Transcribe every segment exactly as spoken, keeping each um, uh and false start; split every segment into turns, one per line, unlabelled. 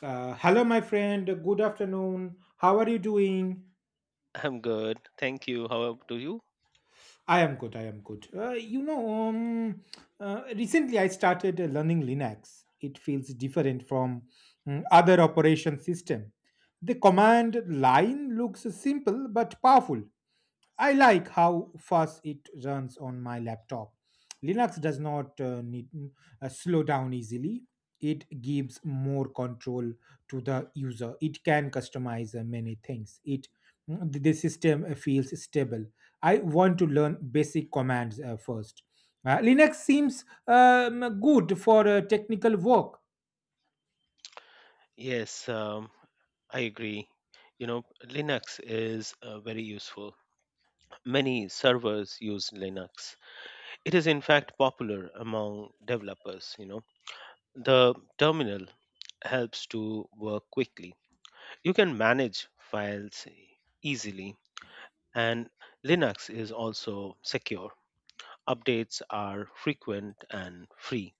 Uh, hello, my friend. Good afternoon. How are you doing?
I'm good. Thank you. How about you?
I am good. I am good. Uh, you know, um, uh, recently I started uh, learning Linux. It feels different from mm, other operation system. The command line looks simple but powerful. I like how fast it runs on my laptop. Linux does not uh, need mm, uh, slow down easily. It gives more control to the user. It can customize uh, many things. It Mm, the system uh, feels stable. I want to learn basic commands uh, first. Uh, Linux seems um, good for uh, technical work.
Yes, um, I agree. You know, Linux is uh, very useful. Many servers use Linux. It is, in fact, popular among developers. You know, the terminal helps to work quickly. You can manage files easily, and Linux is also secure. Updates are frequent and free.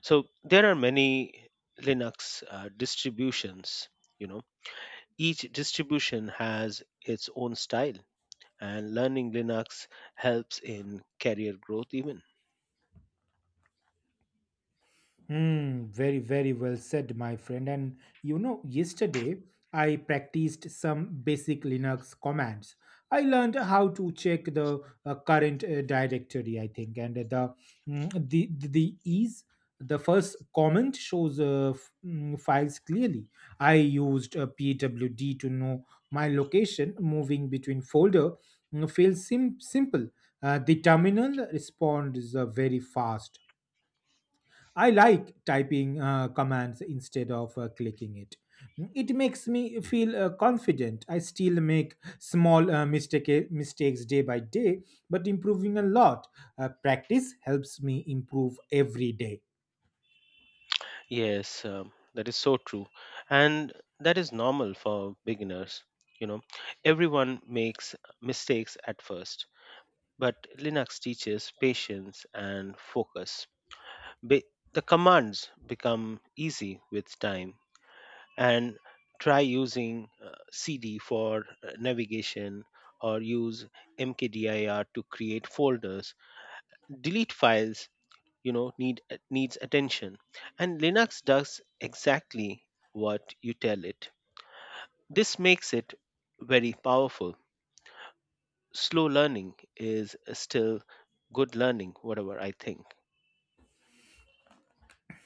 So there are many Linux uh, distributions, you know. Each distribution has its own style and learning Linux helps in career growth even.
Hmm, very, very well said, my friend. And you know, yesterday I practiced some basic Linux commands. I learned how to check the uh, current uh, directory, I think, and the mm, the the is the first comment shows uh, f- mm, files clearly. I used a P W D to know my location, moving between folder. mm, Feels sim- simple. Uh, the terminal responds uh, very fast. I like typing uh, commands instead of uh, clicking it. Mm, It makes me feel uh, confident. I still make small uh, mistake, eh, mistakes day by day, but improving a lot. Uh, practice helps me improve every day.
Yes, um, that is so true. And that is normal for beginners, you know. Everyone makes mistakes at first, but Linux teaches patience and focus. Be- the commands become easy with time and try using uh, cd for uh, navigation or use mkdir to create folders, delete files, you know need uh, needs attention, and Linux does exactly what you tell it. This makes it very powerful. Slow learning is still good learning, whatever I think.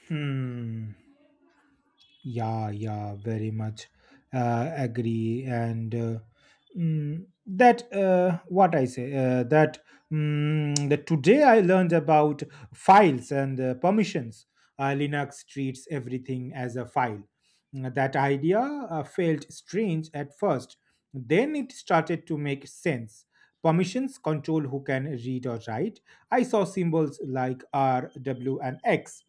Hmm. Yeah, yeah, very much uh, agree. And uh, mm, that, uh, what I say, uh, that, mm, that today I learned about files and uh, permissions. Uh, Linux treats everything as a file. Mm, That idea uh, felt strange at first. Then it started to make sense. Permissions control who can read or write. I saw symbols like R, W, and X.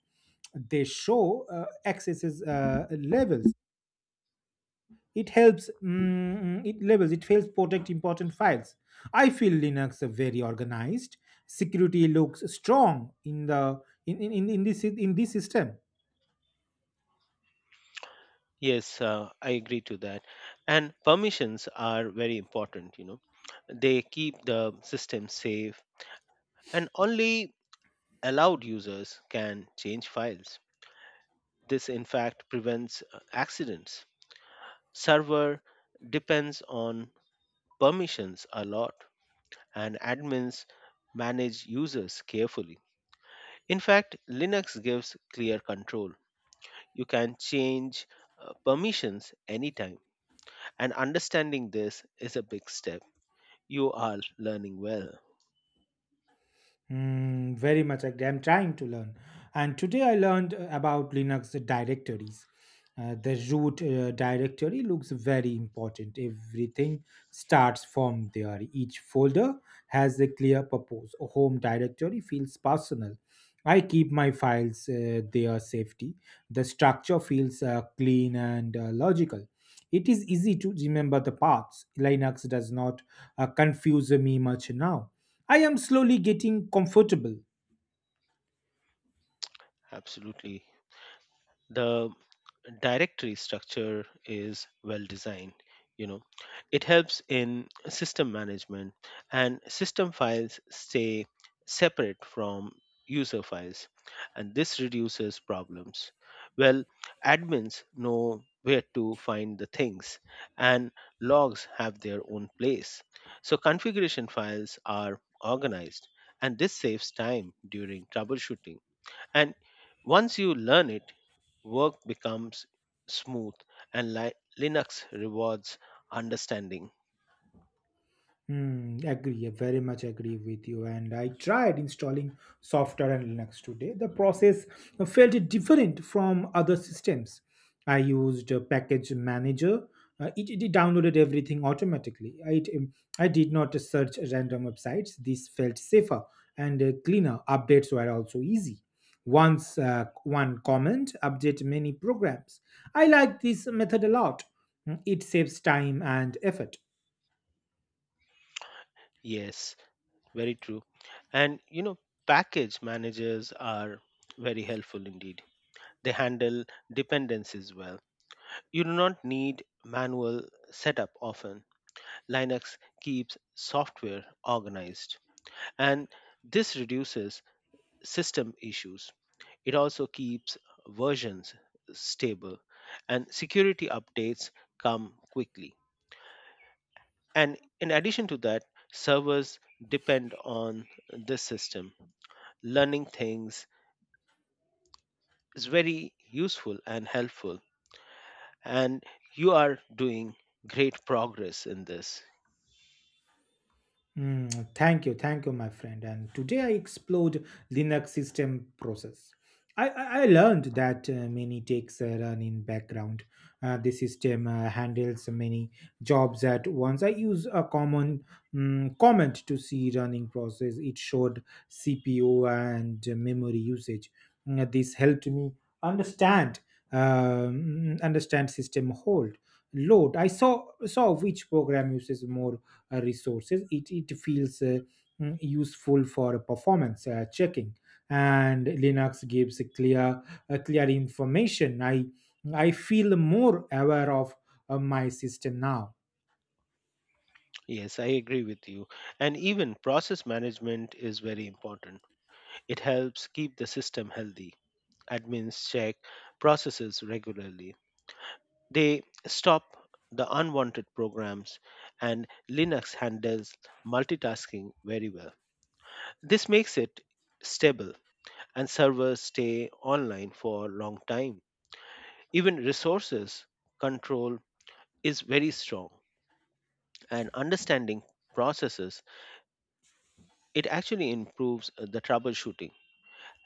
They show uh, accesses uh, levels. It helps mm, it levels It helps protect important files. I feel Linux are very organized. Security looks strong in the in in, in in this in this system.
yes uh, I agree to that. And permissions are very important, you know they keep the system safe, and only allowed users can change files. This, in fact, prevents uh, accidents. Server depends on permissions a lot, and admins manage users carefully. In fact, Linux gives clear control. You can change uh, permissions anytime, and understanding this is a big step. You are learning well.
Mm, very much agree. I'm trying to learn. And today I learned uh, about Linux directories. Uh, the root uh, directory looks very important. Everything starts from there. Each folder has a clear purpose. A home directory feels personal. I keep my files uh, there safety. The structure feels uh, clean and uh, logical. It is easy to remember the paths. Linux does not uh, confuse me much now. I am slowly getting comfortable.
Absolutely. The directory structure is well designed, you know it helps in system management, and system files stay separate from user files, and this reduces problems. Well, admins know where to find the things, and logs have their own place, so configuration files are organized, and this saves time during troubleshooting. And once you learn it, work becomes smooth, and li- Linux rewards understanding.
Hmm, agree, I very much agree with you. And I tried installing software on Linux today. The process felt different from other systems. I used a package manager. Uh, it, it downloaded everything automatically. I, It, um, I did not search random websites. This felt safer and uh, cleaner. Updates were also easy. Once uh, one comment, update many programs. I like this method a lot. Hmm, It saves time and effort.
Yes, very true. And you know, package managers are very helpful indeed. They handle dependencies well. You do not need manual setup often. Linux keeps software organized, and this reduces system issues. It also keeps versions stable, and security updates come quickly. And in addition to that, servers depend on this system. Learning things is very useful and helpful, and you are doing great progress in this.
Mm, thank you, thank you, my friend. And today I explored Linux system process. I, I I learned that uh, many takes a run in background. Uh, the system uh, handles many jobs at once. I use a common mm, comment to see running process. It showed C P U and memory usage. Mm, this helped me understand um, understand system hold load. I saw saw which program uses more uh, resources. It, it feels uh, mm, useful for performance uh, checking. And Linux gives a clear a clear information. I i feel more aware of uh, my system now.
Yes, I agree with you. And even process management is very important. It helps keep the system healthy. Admins check processes regularly. They stop the unwanted programs, and Linux handles multitasking very well. This makes it stable, and servers stay online for a long time. Even resources control is very strong, and understanding processes, it actually improves the troubleshooting,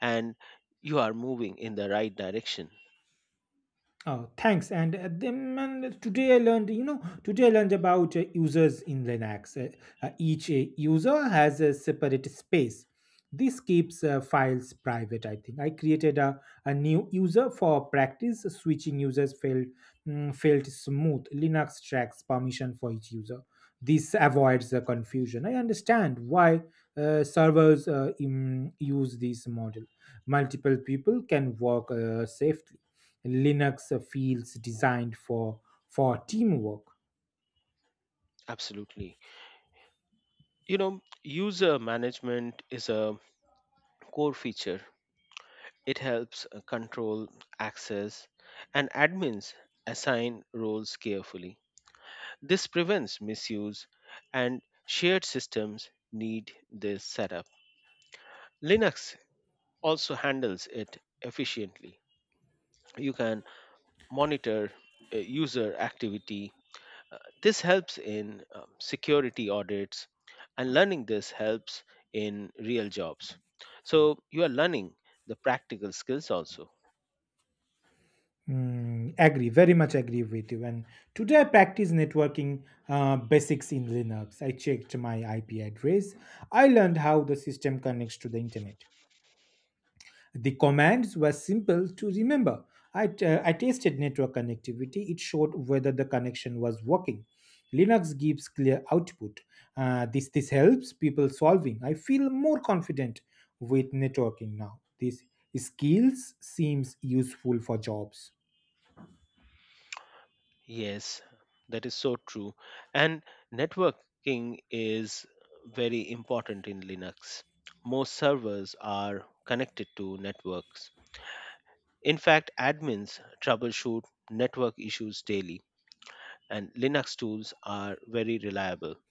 and you are moving in the right direction.
Oh, thanks. And uh, then man, today I learned, you know, today I learned about uh, users in Linux. Uh, uh, each uh, user has a separate space. This keeps uh, files private, I think. I created a, a new user for practice. Switching users felt, mm, felt smooth. Linux tracks permission for each user. This avoids the confusion. I understand why uh, servers uh, im- use this model. Multiple people can work uh, safely. Linux feels designed for for teamwork.
Absolutely. You know, user management is a core feature. It helps uh, control access, and admins assign roles carefully. This prevents misuse, and shared systems need this setup. Linux also handles it efficiently. You can monitor uh, user activity. Uh, This helps in um, security audits, and learning this helps in real jobs. So you are learning the practical skills also.
Mm, agree, very much agree with you. And today I practice networking uh, basics in Linux. I checked my I P address. I learned how the system connects to the internet. The commands were simple to remember. I, t- uh, I tested network connectivity. It showed whether the connection was working. Linux gives clear output. Uh, this, this helps people solving. I feel more confident with networking now. These skills seems useful for jobs.
Yes, that is so true. And networking is very important in Linux. Most servers are connected to networks. In fact, admins troubleshoot network issues daily, and Linux tools are very reliable.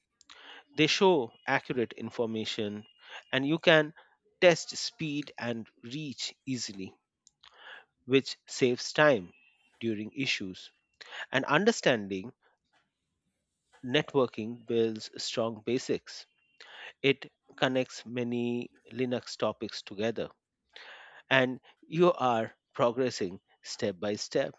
They show accurate information, and you can test speed and reach easily, which saves time during issues. And understanding networking builds strong basics. It connects many Linux topics together, and you are progressing step by step.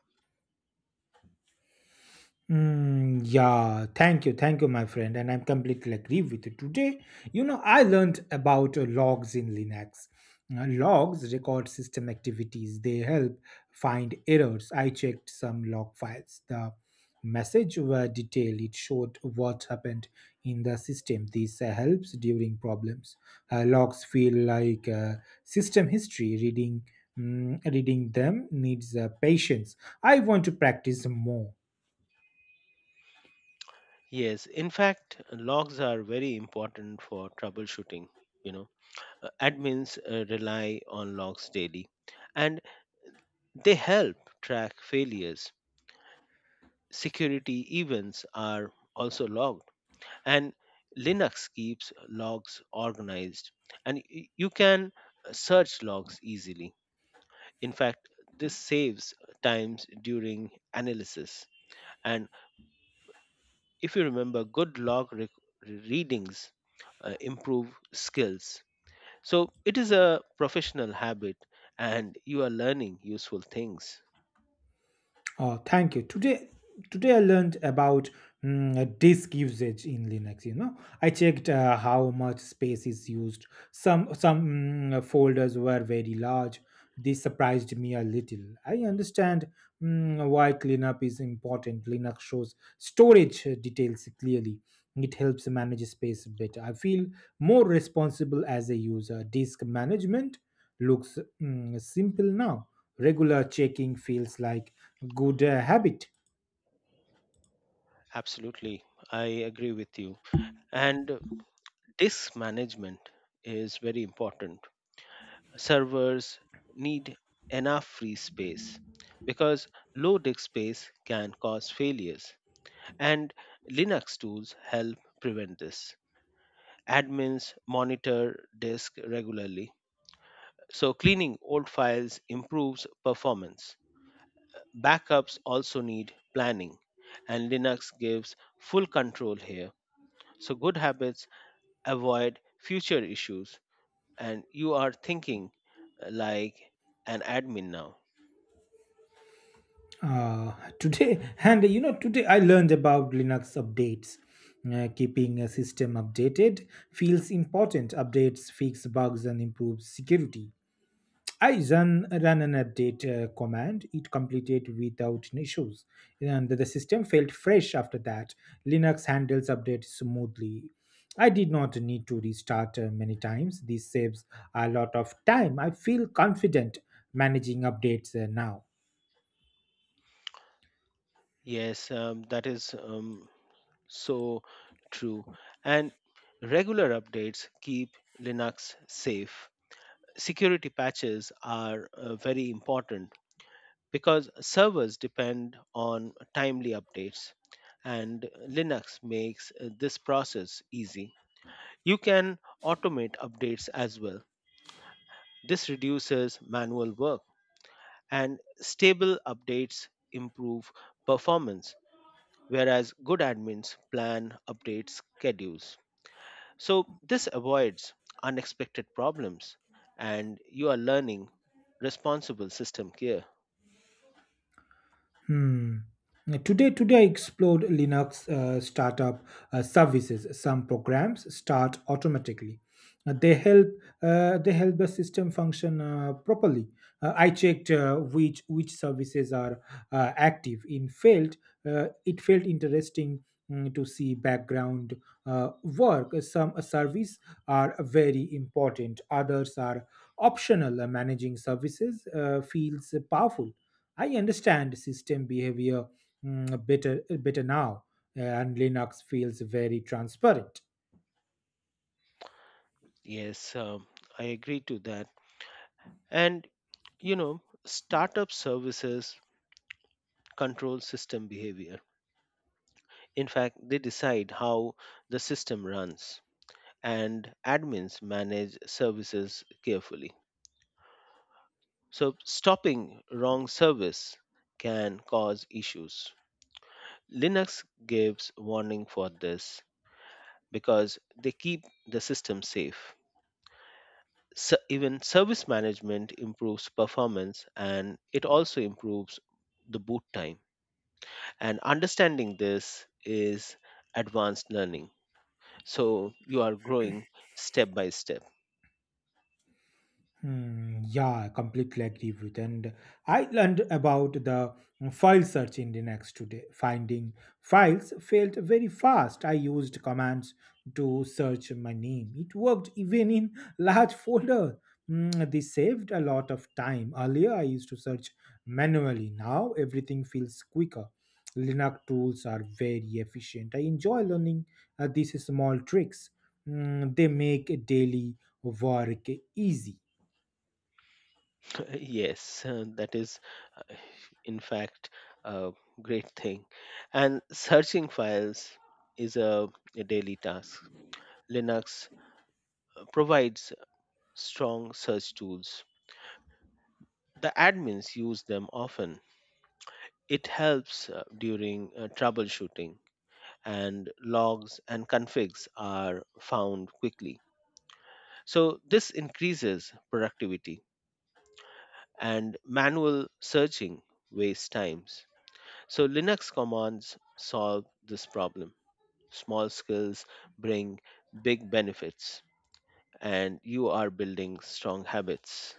Mm, yeah, thank you, thank you, my friend, and I'm completely agree with you. Today, you know, I learned about uh, logs in Linux. Uh, Logs record system activities. They help find errors. I checked some log files. The message were detailed. It showed what happened in the system. This uh, helps during problems. Uh, logs feel like uh, system history. Reading, mm, reading them needs uh, patience. I want to practice more.
Yes, in fact, logs are very important for troubleshooting. You know, Uh, admins uh, rely on logs daily, and they help track failures. Security events are also logged, and Linux keeps logs organized, and y- you can search logs easily. In fact, this saves times during analysis. And if you remember, good log re- readings uh, improve skills. So it is a professional habit, and you are learning useful things.
Oh, thank you. Today, today I learned about mm, disk usage in Linux. You know, I checked uh, how much space is used. Some some mm, folders were very large. This surprised me a little. I understand Mm, why cleanup is important. Linux shows storage uh, details clearly. It helps manage space better. I feel more responsible as a user. Disk management looks mm, simple now. Regular checking feels like good uh, habit.
Absolutely, I agree with you. And disk management is very important. Servers need enough free space, because low disk space can cause failures. And Linux tools help prevent this. Admins monitor disk regularly, so cleaning old files improves performance. Backups also need planning, and Linux gives full control here. So, good habits avoid future issues, and you are thinking uh, like an admin now.
Uh, Today, and you know, today I learned about Linux updates. Uh, keeping a system updated feels important. Updates fix bugs and improve security. I run run an update uh, command. It completed without issues, and the system felt fresh after that. Linux handles updates smoothly. I did not need to restart uh, many times. This saves a lot of time. I feel confident managing updates uh, now.
Yes, um, that is um, So true. And regular updates keep Linux safe. Security patches are uh, very important, because servers depend on timely updates, and Linux makes uh, this process easy. You can automate updates as well. This reduces manual work, and stable updates improve performance, whereas good admins plan update schedules. So this avoids unexpected problems, and you are learning responsible system care.
Hmm. Today, today I explored Linux uh, startup uh, services. Some programs start automatically. Uh, they help uh, they help the system function uh, properly. Uh, I checked uh, which which services are uh, active. In failed, uh, it felt interesting mm, to see background uh, work. Some services are very important. Others are optional. Uh, Managing services uh, feels powerful. I understand system behavior mm, better better now, uh, and Linux feels very transparent.
Yes, um, I agree to that. And you know, startup services control system behavior. In fact, they decide how the system runs, and admins manage services carefully. So stopping wrong service can cause issues. Linux gives warning for this, because they keep the system safe. So even service management improves performance, and it also improves the boot time. And understanding this is advanced learning. So you are growing step by step.
Hmm, yeah, I completely agree with. And I learned about the file search in the next today. Finding files failed very fast. I used commands to search my name. It worked even in large folder. Hmm, this saved a lot of time. Earlier, I used to search manually. Now everything feels quicker. Linux tools are very efficient. I enjoy learning uh, these small tricks. Hmm, they make daily work easy.
Yes, uh, that, is, uh, in fact, a great thing. And searching files is a, a daily task. Linux provides strong search tools. The admins use them often. It helps uh, during uh, troubleshooting, and logs and configs are found quickly. So, this increases productivity, and manual searching wastes times. So, Linux commands solve this problem. Small skills bring big benefits, and you are building strong habits.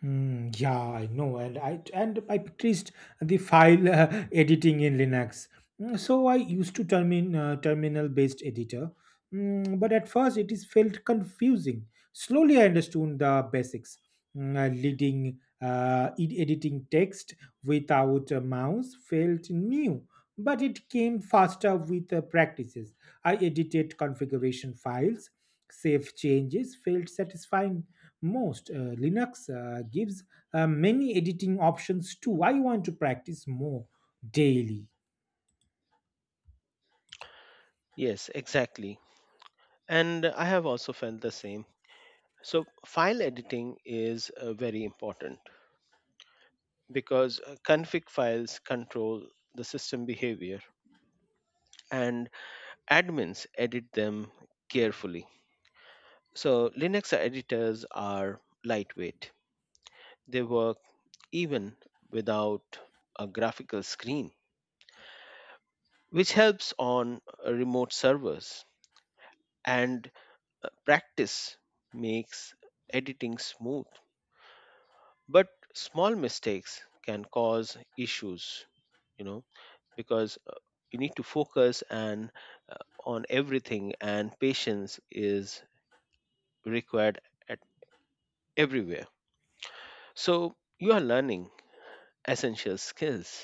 Hmm. Yeah, I know, and I and I practiced the file uh, editing in Linux. Mm, So I used to termin uh, terminal-based editor, Mm, but at first it is felt confusing. Slowly I understood the basics, Mm, uh, leading uh, ed- editing text without a mouse felt new, but it came faster with uh, practices. I edited configuration files, save changes felt satisfying. Most uh, Linux uh, gives uh, many editing options too. I want to practice more daily.
Yes, exactly. And I have also felt the same. So, file editing is uh, very important, because uh, config files control the system behavior, and admins edit them carefully. So, Linux editors are lightweight, they work even without a graphical screen, which helps on uh, remote servers. And uh, practice makes editing smooth, but small mistakes can cause issues, you know because uh, you need to focus and uh, on everything, and patience is required at everywhere. So you are learning essential skills.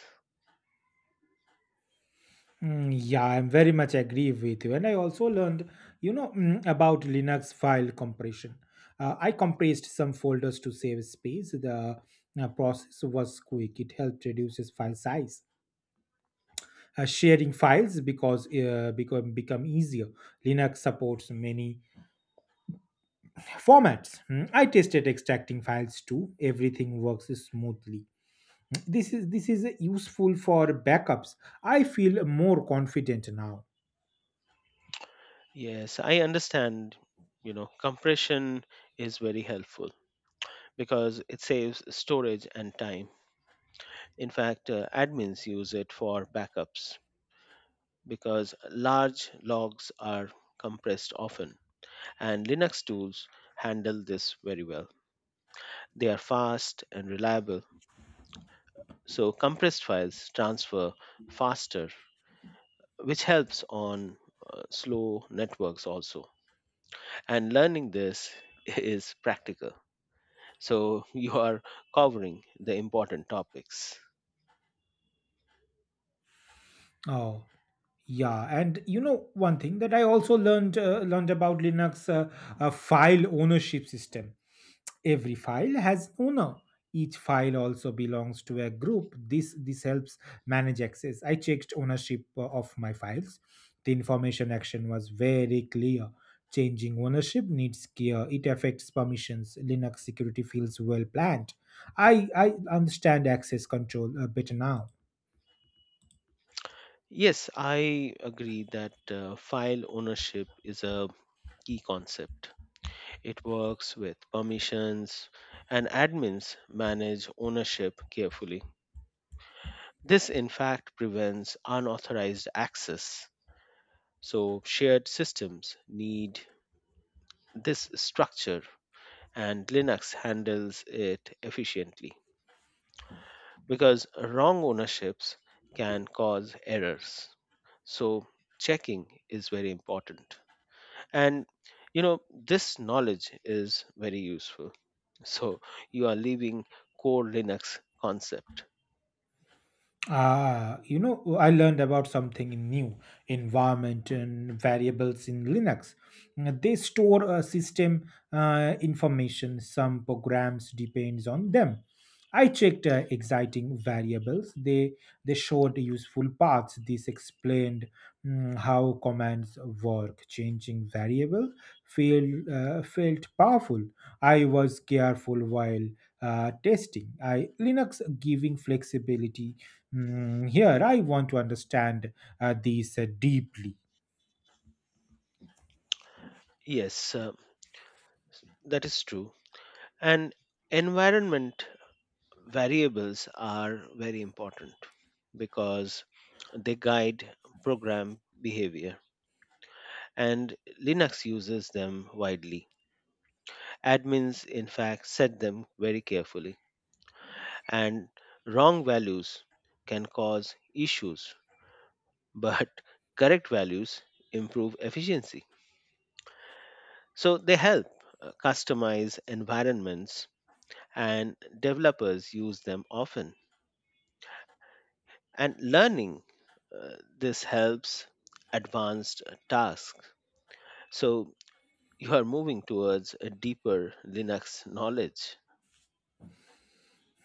Mm, yeah, I'm very much agree with you. And I also learned, you know, mm, about Linux file compression. Uh, I compressed some folders to save space. The uh, process was quick. It helped reduces file size. Uh, sharing files because uh, become become easier. Linux supports many formats. Mm, I tested extracting files too. Everything works smoothly. this is this is useful for backups. I feel more confident now.
Yes, I understand. You know, compression is very helpful, because it saves storage and time. In fact, uh, admins use it for backups, because large logs are compressed often, and Linux tools handle this very well. They are fast and reliable. So compressed files transfer faster, which helps on uh, slow networks also. And learning this is practical. So you are covering the important topics.
Oh, yeah, and you know one thing that I also learned uh, learned about Linux uh, uh, file ownership system. Every file has owner. Each file also belongs to a group. This this helps manage access. I checked ownership uh, of my files. The information action was very clear. Changing ownership needs care. It affects permissions. Linux security feels well planned. I i understand access control uh, better now.
Yes, I agree that uh, file ownership is a key concept. It works with permissions, and admins manage ownership carefully. This, in fact, prevents unauthorized access. So shared systems need this structure, and Linux handles it efficiently, because wrong ownerships can cause errors. So checking is very important. And you know, this knowledge is very useful. So you are leaving core Linux concept.
Ah, you know, I learned about something new environment and variables in Linux. Mm, They store uh, system uh, information. Some programs depends on them. I checked uh, exciting variables. They they showed useful paths. This explained mm, how commands work. Changing variable feel, uh, felt powerful. I was careful while uh, testing. I Linux giving flexibility. Hmm, here, I want to understand uh, these uh, deeply.
Yes, uh, that is true. And environment variables are very important, because they guide program behavior, and Linux uses them widely. Admins, in fact, set them very carefully, and wrong values can cause issues, but correct values improve efficiency. So they help uh, customize environments, and developers use them often. And learning uh, this helps advanced tasks. So you are moving towards a deeper Linux knowledge.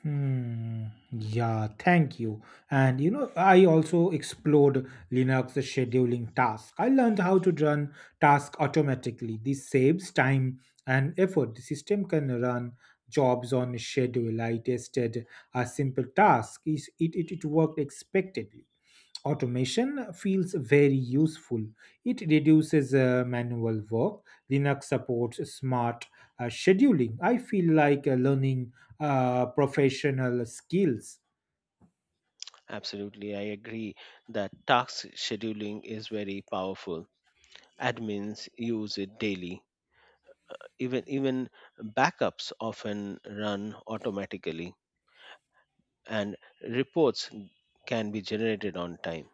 Hmm, yeah, thank you. And you know, I also explored Linux scheduling task. I learned how to run task automatically. This saves time and effort. The system can run jobs on schedule. I tested a simple task. Is It, it, it worked expectedly. Automation feels very useful. It reduces uh, manual work. Linux supports smart uh, scheduling. I feel like uh, learning uh, professional skills.
Absolutely, I agree that task scheduling is very powerful. Admins use it daily. Even even backups often run automatically, and reports can be generated on time.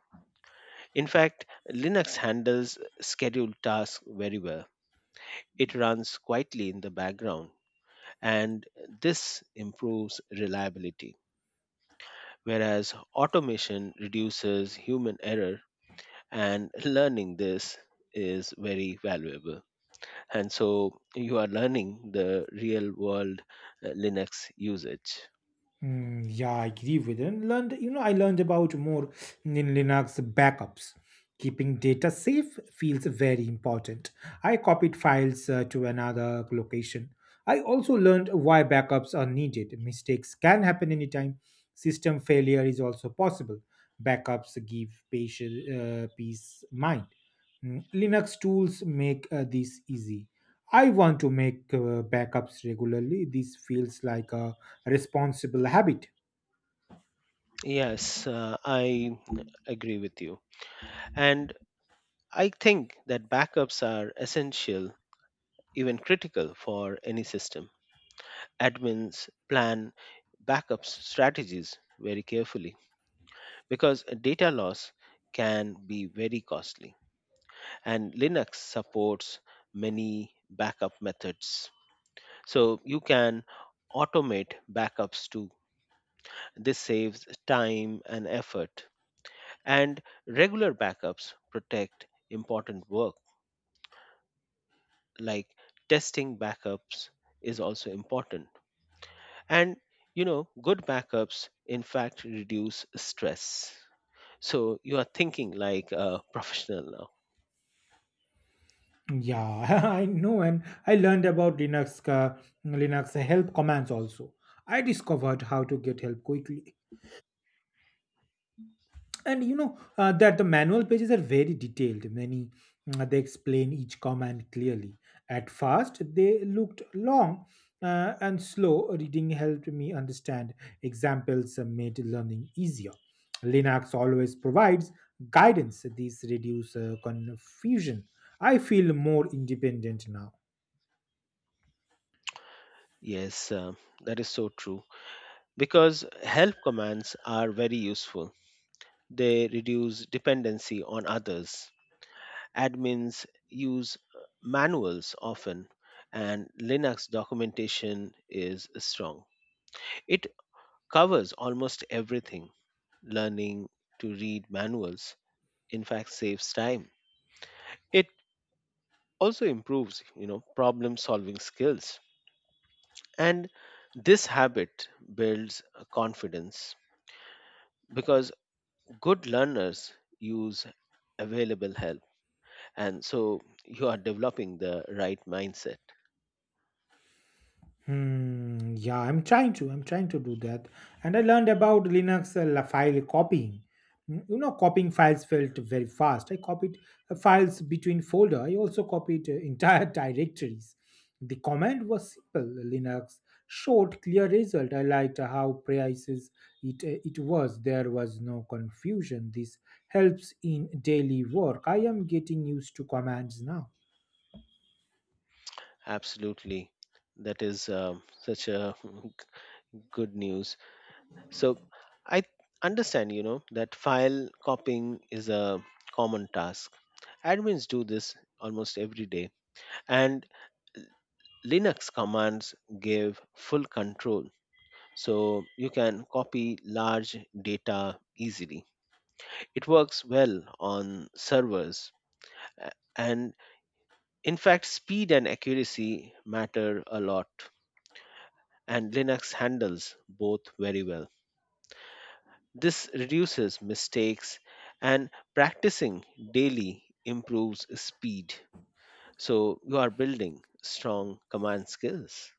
In fact, Linux handles scheduled tasks very well. It runs quietly in the background, and this improves reliability. Whereas automation reduces human error, and learning this is very valuable. And so you are learning the real world uh, Linux usage.
Mm, yeah, I agree with it. And learned, you know, I learned about more in Linux backups. Keeping data safe feels very important. I copied files uh, to another location. I also learned why backups are needed. Mistakes can happen anytime. System failure is also possible. Backups give patient, uh, peace mind. Mm, Linux tools make uh, this easy. I want to make uh, backups regularly. This feels like a responsible habit.
Yes, uh, I agree with you. And I think that backups are essential, even critical for any system. Admins plan backup strategies very carefully, because data loss can be very costly, and Linux supports many backup methods. So you can automate backups too. This saves time and effort, and regular backups protect important work. Like testing backups is also important. And you know, good backups in fact reduce stress. So you are thinking like a professional now.
Yeah, I know, and I learned about Linux uh, Linux help commands also. I discovered how to get help quickly. And you know uh, That the manual pages are very detailed many uh, they explain each command clearly. At first they looked long, uh, and slow reading helped me understand. Examples uh, made learning easier. Linux always provides guidance. These reduce uh, confusion. I feel more independent now.
Yes, uh, that is so true. Because help commands are very useful. They reduce dependency on others. Admins use uh, manuals often, and Linux documentation is strong. It covers almost everything. Learning to read manuals, in fact, saves time. It also improves, you know, problem solving skills. And this habit builds uh, confidence, because good learners use available help, and so you are developing the right mindset.
Hmm, yeah, I'm trying to. I'm trying to do that. And I learned about Linux uh, la- file copying. Mm, You know, copying files felt very fast. I copied uh, files between folder. I also copied uh, entire directories. The command was simple. Linux showed clear result. I liked how precise it uh, it was. There was no confusion. This helps in daily work. I am getting used to commands now.
Absolutely. That is um, such a good news. So I understand, you know, that file copying is a common task. Admins do this almost every day, and Linux commands give full control. So you can copy large data easily. It works well on servers. A- And in fact, speed and accuracy matter a lot, and Linux handles both very well. This reduces mistakes, and practicing daily improves speed. So you are building strong command skills.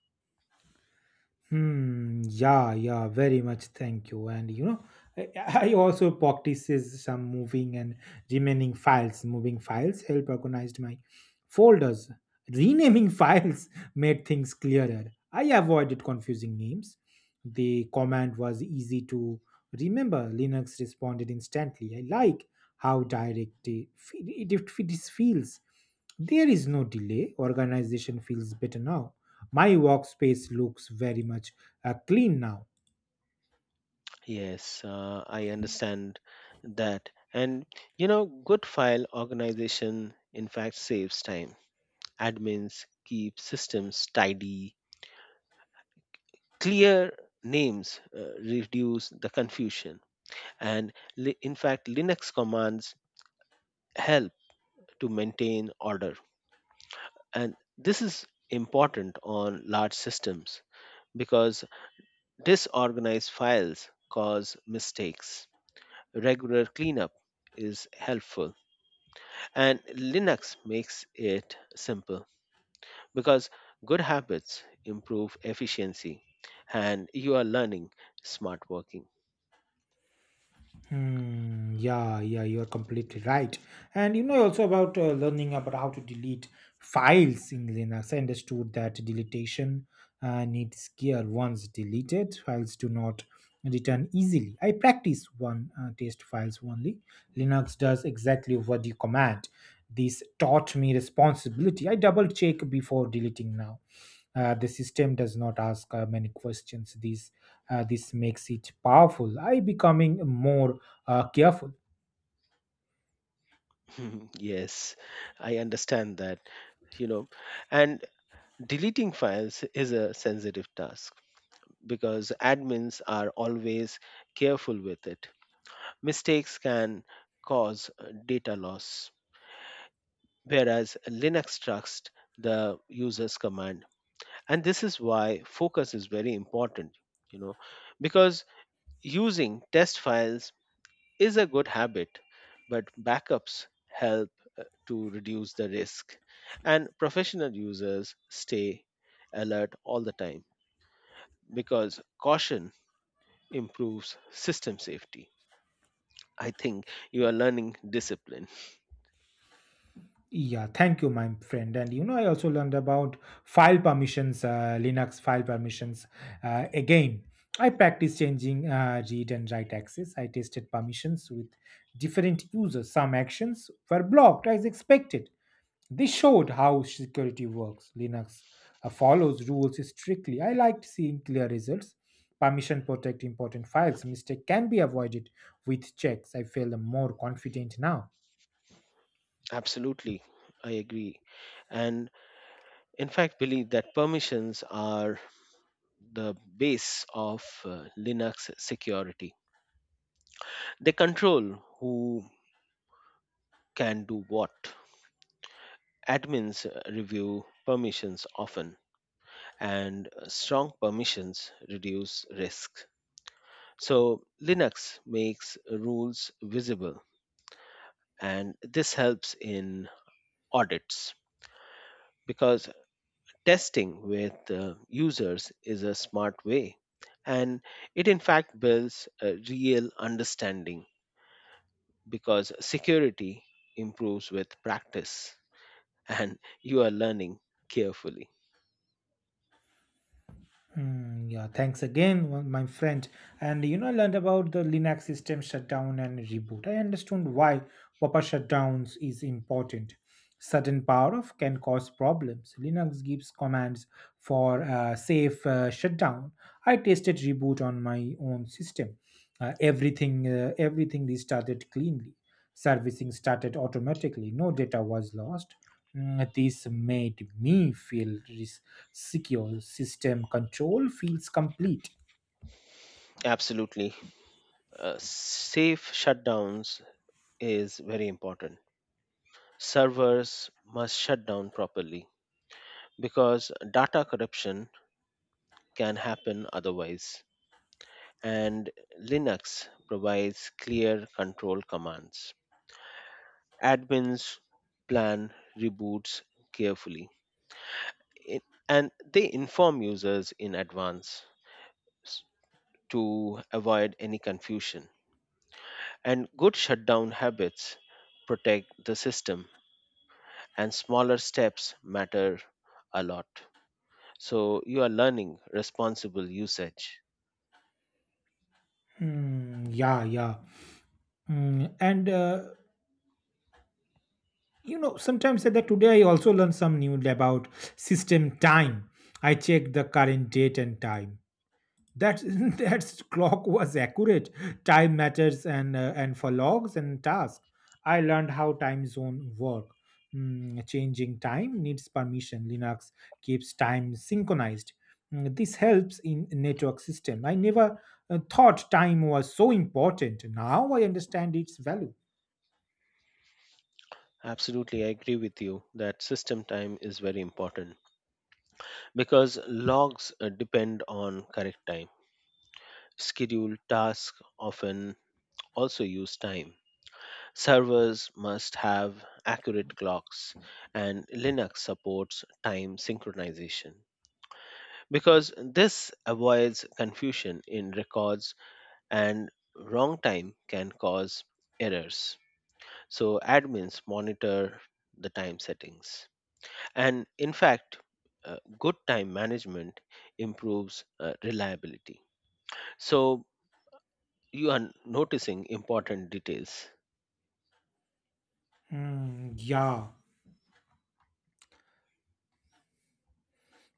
Hmm. Yeah. Yeah. Very much. Thank you. And you know, I, I also practices some moving and remaining files. Moving files help organized my folders. Renaming files made things clearer. I avoided confusing names. The command was easy to remember. Linux responded instantly. I like how direct it, it, it feels. There is no delay. Organization feels better now. My workspace looks very much uh, clean now.
Yes, uh, I understand that. And you know, good file organization in fact saves time. Admins keep systems tidy. Clear names uh, reduce the confusion, and li- in fact, Linux commands help to maintain order. And this is important on large systems, because disorganized files cause mistakes. Regular cleanup is helpful, and Linux makes it simple, because good habits improve efficiency, and you are learning smart working.
Hmm, yeah, yeah, you're completely right. And you know also about uh, learning about how to delete files in Linux. I understood that deletion uh, needs gear. Once deleted, files do not return easily. I practice one uh, test files only. Linux does exactly what you command. This taught me responsibility. I double check before deleting now. Uh, the system does not ask uh, many questions. This uh, this makes it powerful. I becoming more uh, careful.
Mhm. Yes, I understand that, you know, and deleting files is a sensitive task, because admins are always careful with it. Mistakes can cause uh, data loss, whereas Linux trusts the user's command. And this is why focus is very important, you know, because using test files is a good habit, but backups help to reduce the risk. And professional users stay alert all the time, because caution improves system safety. I think you are learning discipline.
Yeah, thank you, my friend. And you know, I also learned about file permissions, uh, Linux file permissions. Uh, again, I practiced changing uh, read and write access. I tested permissions with different users. Some actions were blocked as expected. This showed how security works. Linux uh, follows rules strictly. I liked seeing clear results. Permission protect important files. Mistake can be avoided with checks. I feel more confident now.
Absolutely, I agree. And in fact, believe that permissions are the base of uh, Linux security. They control who can do what. Admins uh, review permissions often, and uh, strong permissions reduce risk. So Linux makes rules visible, and this helps in audits, because testing with uh, users is a smart way, and it in fact builds a real understanding, because security improves with practice, and you are learning carefully.
Hmm, yeah, thanks again, one- my friend. And you know, I learned about the Linux system shutdown and reboot. I understood why proper shutdowns is important. Sudden power off can cause problems. Linux gives commands for uh, safe uh, shutdown. I tested reboot on my own system. Uh, everything, uh, everything restarted cleanly. Servicing started automatically, no data was lost. Mm, This made me feel res- secure. System control feels complete.
Absolutely, uh, safe shutdowns is very important. Servers must shut down properly, because data corruption can happen otherwise. And Linux provides clear control commands. Admins plan reboots carefully, i- and they inform users in advance, s- to avoid any confusion. And good shutdown habits protect the system, and smaller steps matter a lot. So you are learning responsible usage.
Mm, yeah, yeah. Mm, and uh, You know, sometimes at that today I also learned some new about system time. I check the current date and time. That that clock was accurate. Time matters, and uh, and for logs and tasks, I learned how time zone work. Mm, changing time needs permission. Linux keeps time synchronized. Mm, this helps in network system. I never uh, thought time was so important. Now I understand its value.
Absolutely, I agree with you that system time is very important, because logs uh, depend on correct time. Scheduled tasks often also use time. Servers must have accurate clocks, and Linux supports time synchronization, because this avoids confusion in records, and wrong time can cause errors. So admins monitor the time settings. And in fact, uh, good time management improves uh, reliability. So you are noticing important details.
Mm, yeah.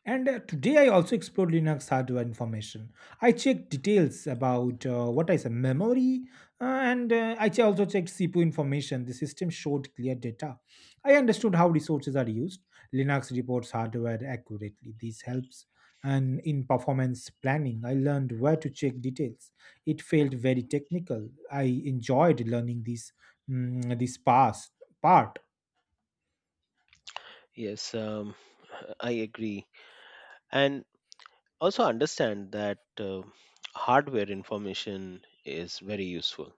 And uh, today I also explored Linux hardware information. I checked details about uh, what is a memory, uh, and uh, I che- also checked C P U information. The system showed clear data. I understood how resources are used. Linux reports hardware accurately. This helps and in performance planning, I learned where to check details. It felt very technical. I enjoyed learning this mm, this past part.
Yes, um, I agree. And also understand that uh, hardware information is very useful,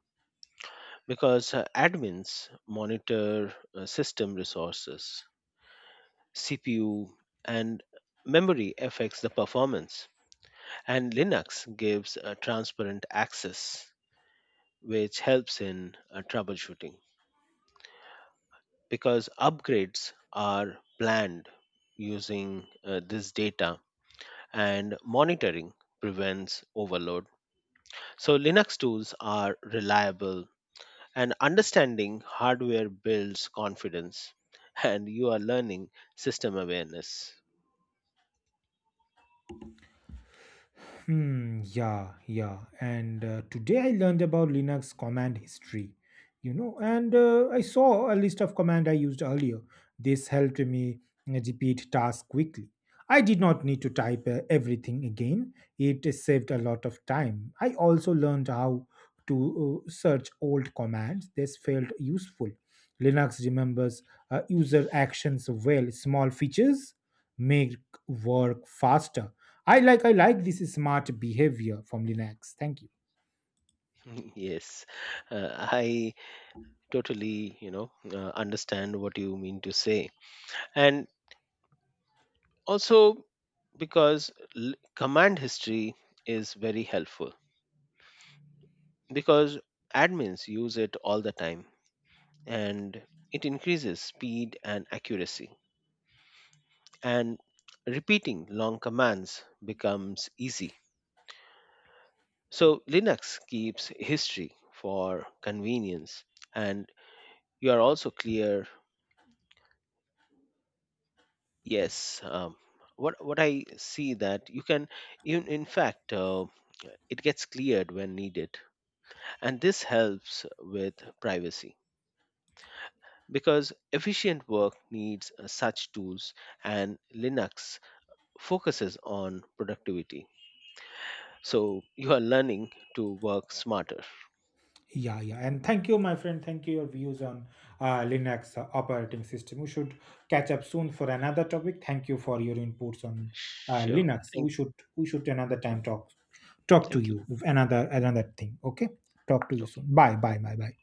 because uh, admins monitor uh, system resources, C P U, and memory affects the performance. And Linux gives a transparent access, which helps in uh, troubleshooting, because upgrades are planned using uh, this data, and monitoring prevents overload. So, Linux tools are reliable, and understanding hardware builds confidence, and you are learning system awareness.
Hmm, yeah, yeah. And uh, today I learned about Linux command history, you know, and uh, I saw a list of command I used earlier. This helped me repeat tasks quickly. I did not need to type uh, everything again. It saved a lot of time. I also learned how to uh, search old commands. This felt useful. Linux remembers uh, user actions well. Small features make work faster. I like I like this smart behavior from Linux. Thank you.
yes, uh, I totally, you know, uh, understand what you mean to say. And also, because l- command history is very helpful, because admins use it all the time, and it increases speed and accuracy, and repeating long commands becomes easy. So Linux keeps history for convenience, and you are also clear. Yes um, what what I see that you can, in, in fact, uh, it gets cleared when needed. And this helps with privacy, because efficient work needs uh, such tools, and Linux focuses on productivity. So you are learning to work smarter.
Yeah, yeah, and thank you, my friend. Thank you your views on uh, Linux uh, operating system. We should catch up soon for another topic. Thank you for your inputs on uh,
Sure.
Linux.
Thank
We
you.
should we should another time talk talk to
Thank
you
you.
with another another thing. Okay, talk to you
Okay.
soon. Bye, bye, bye, bye.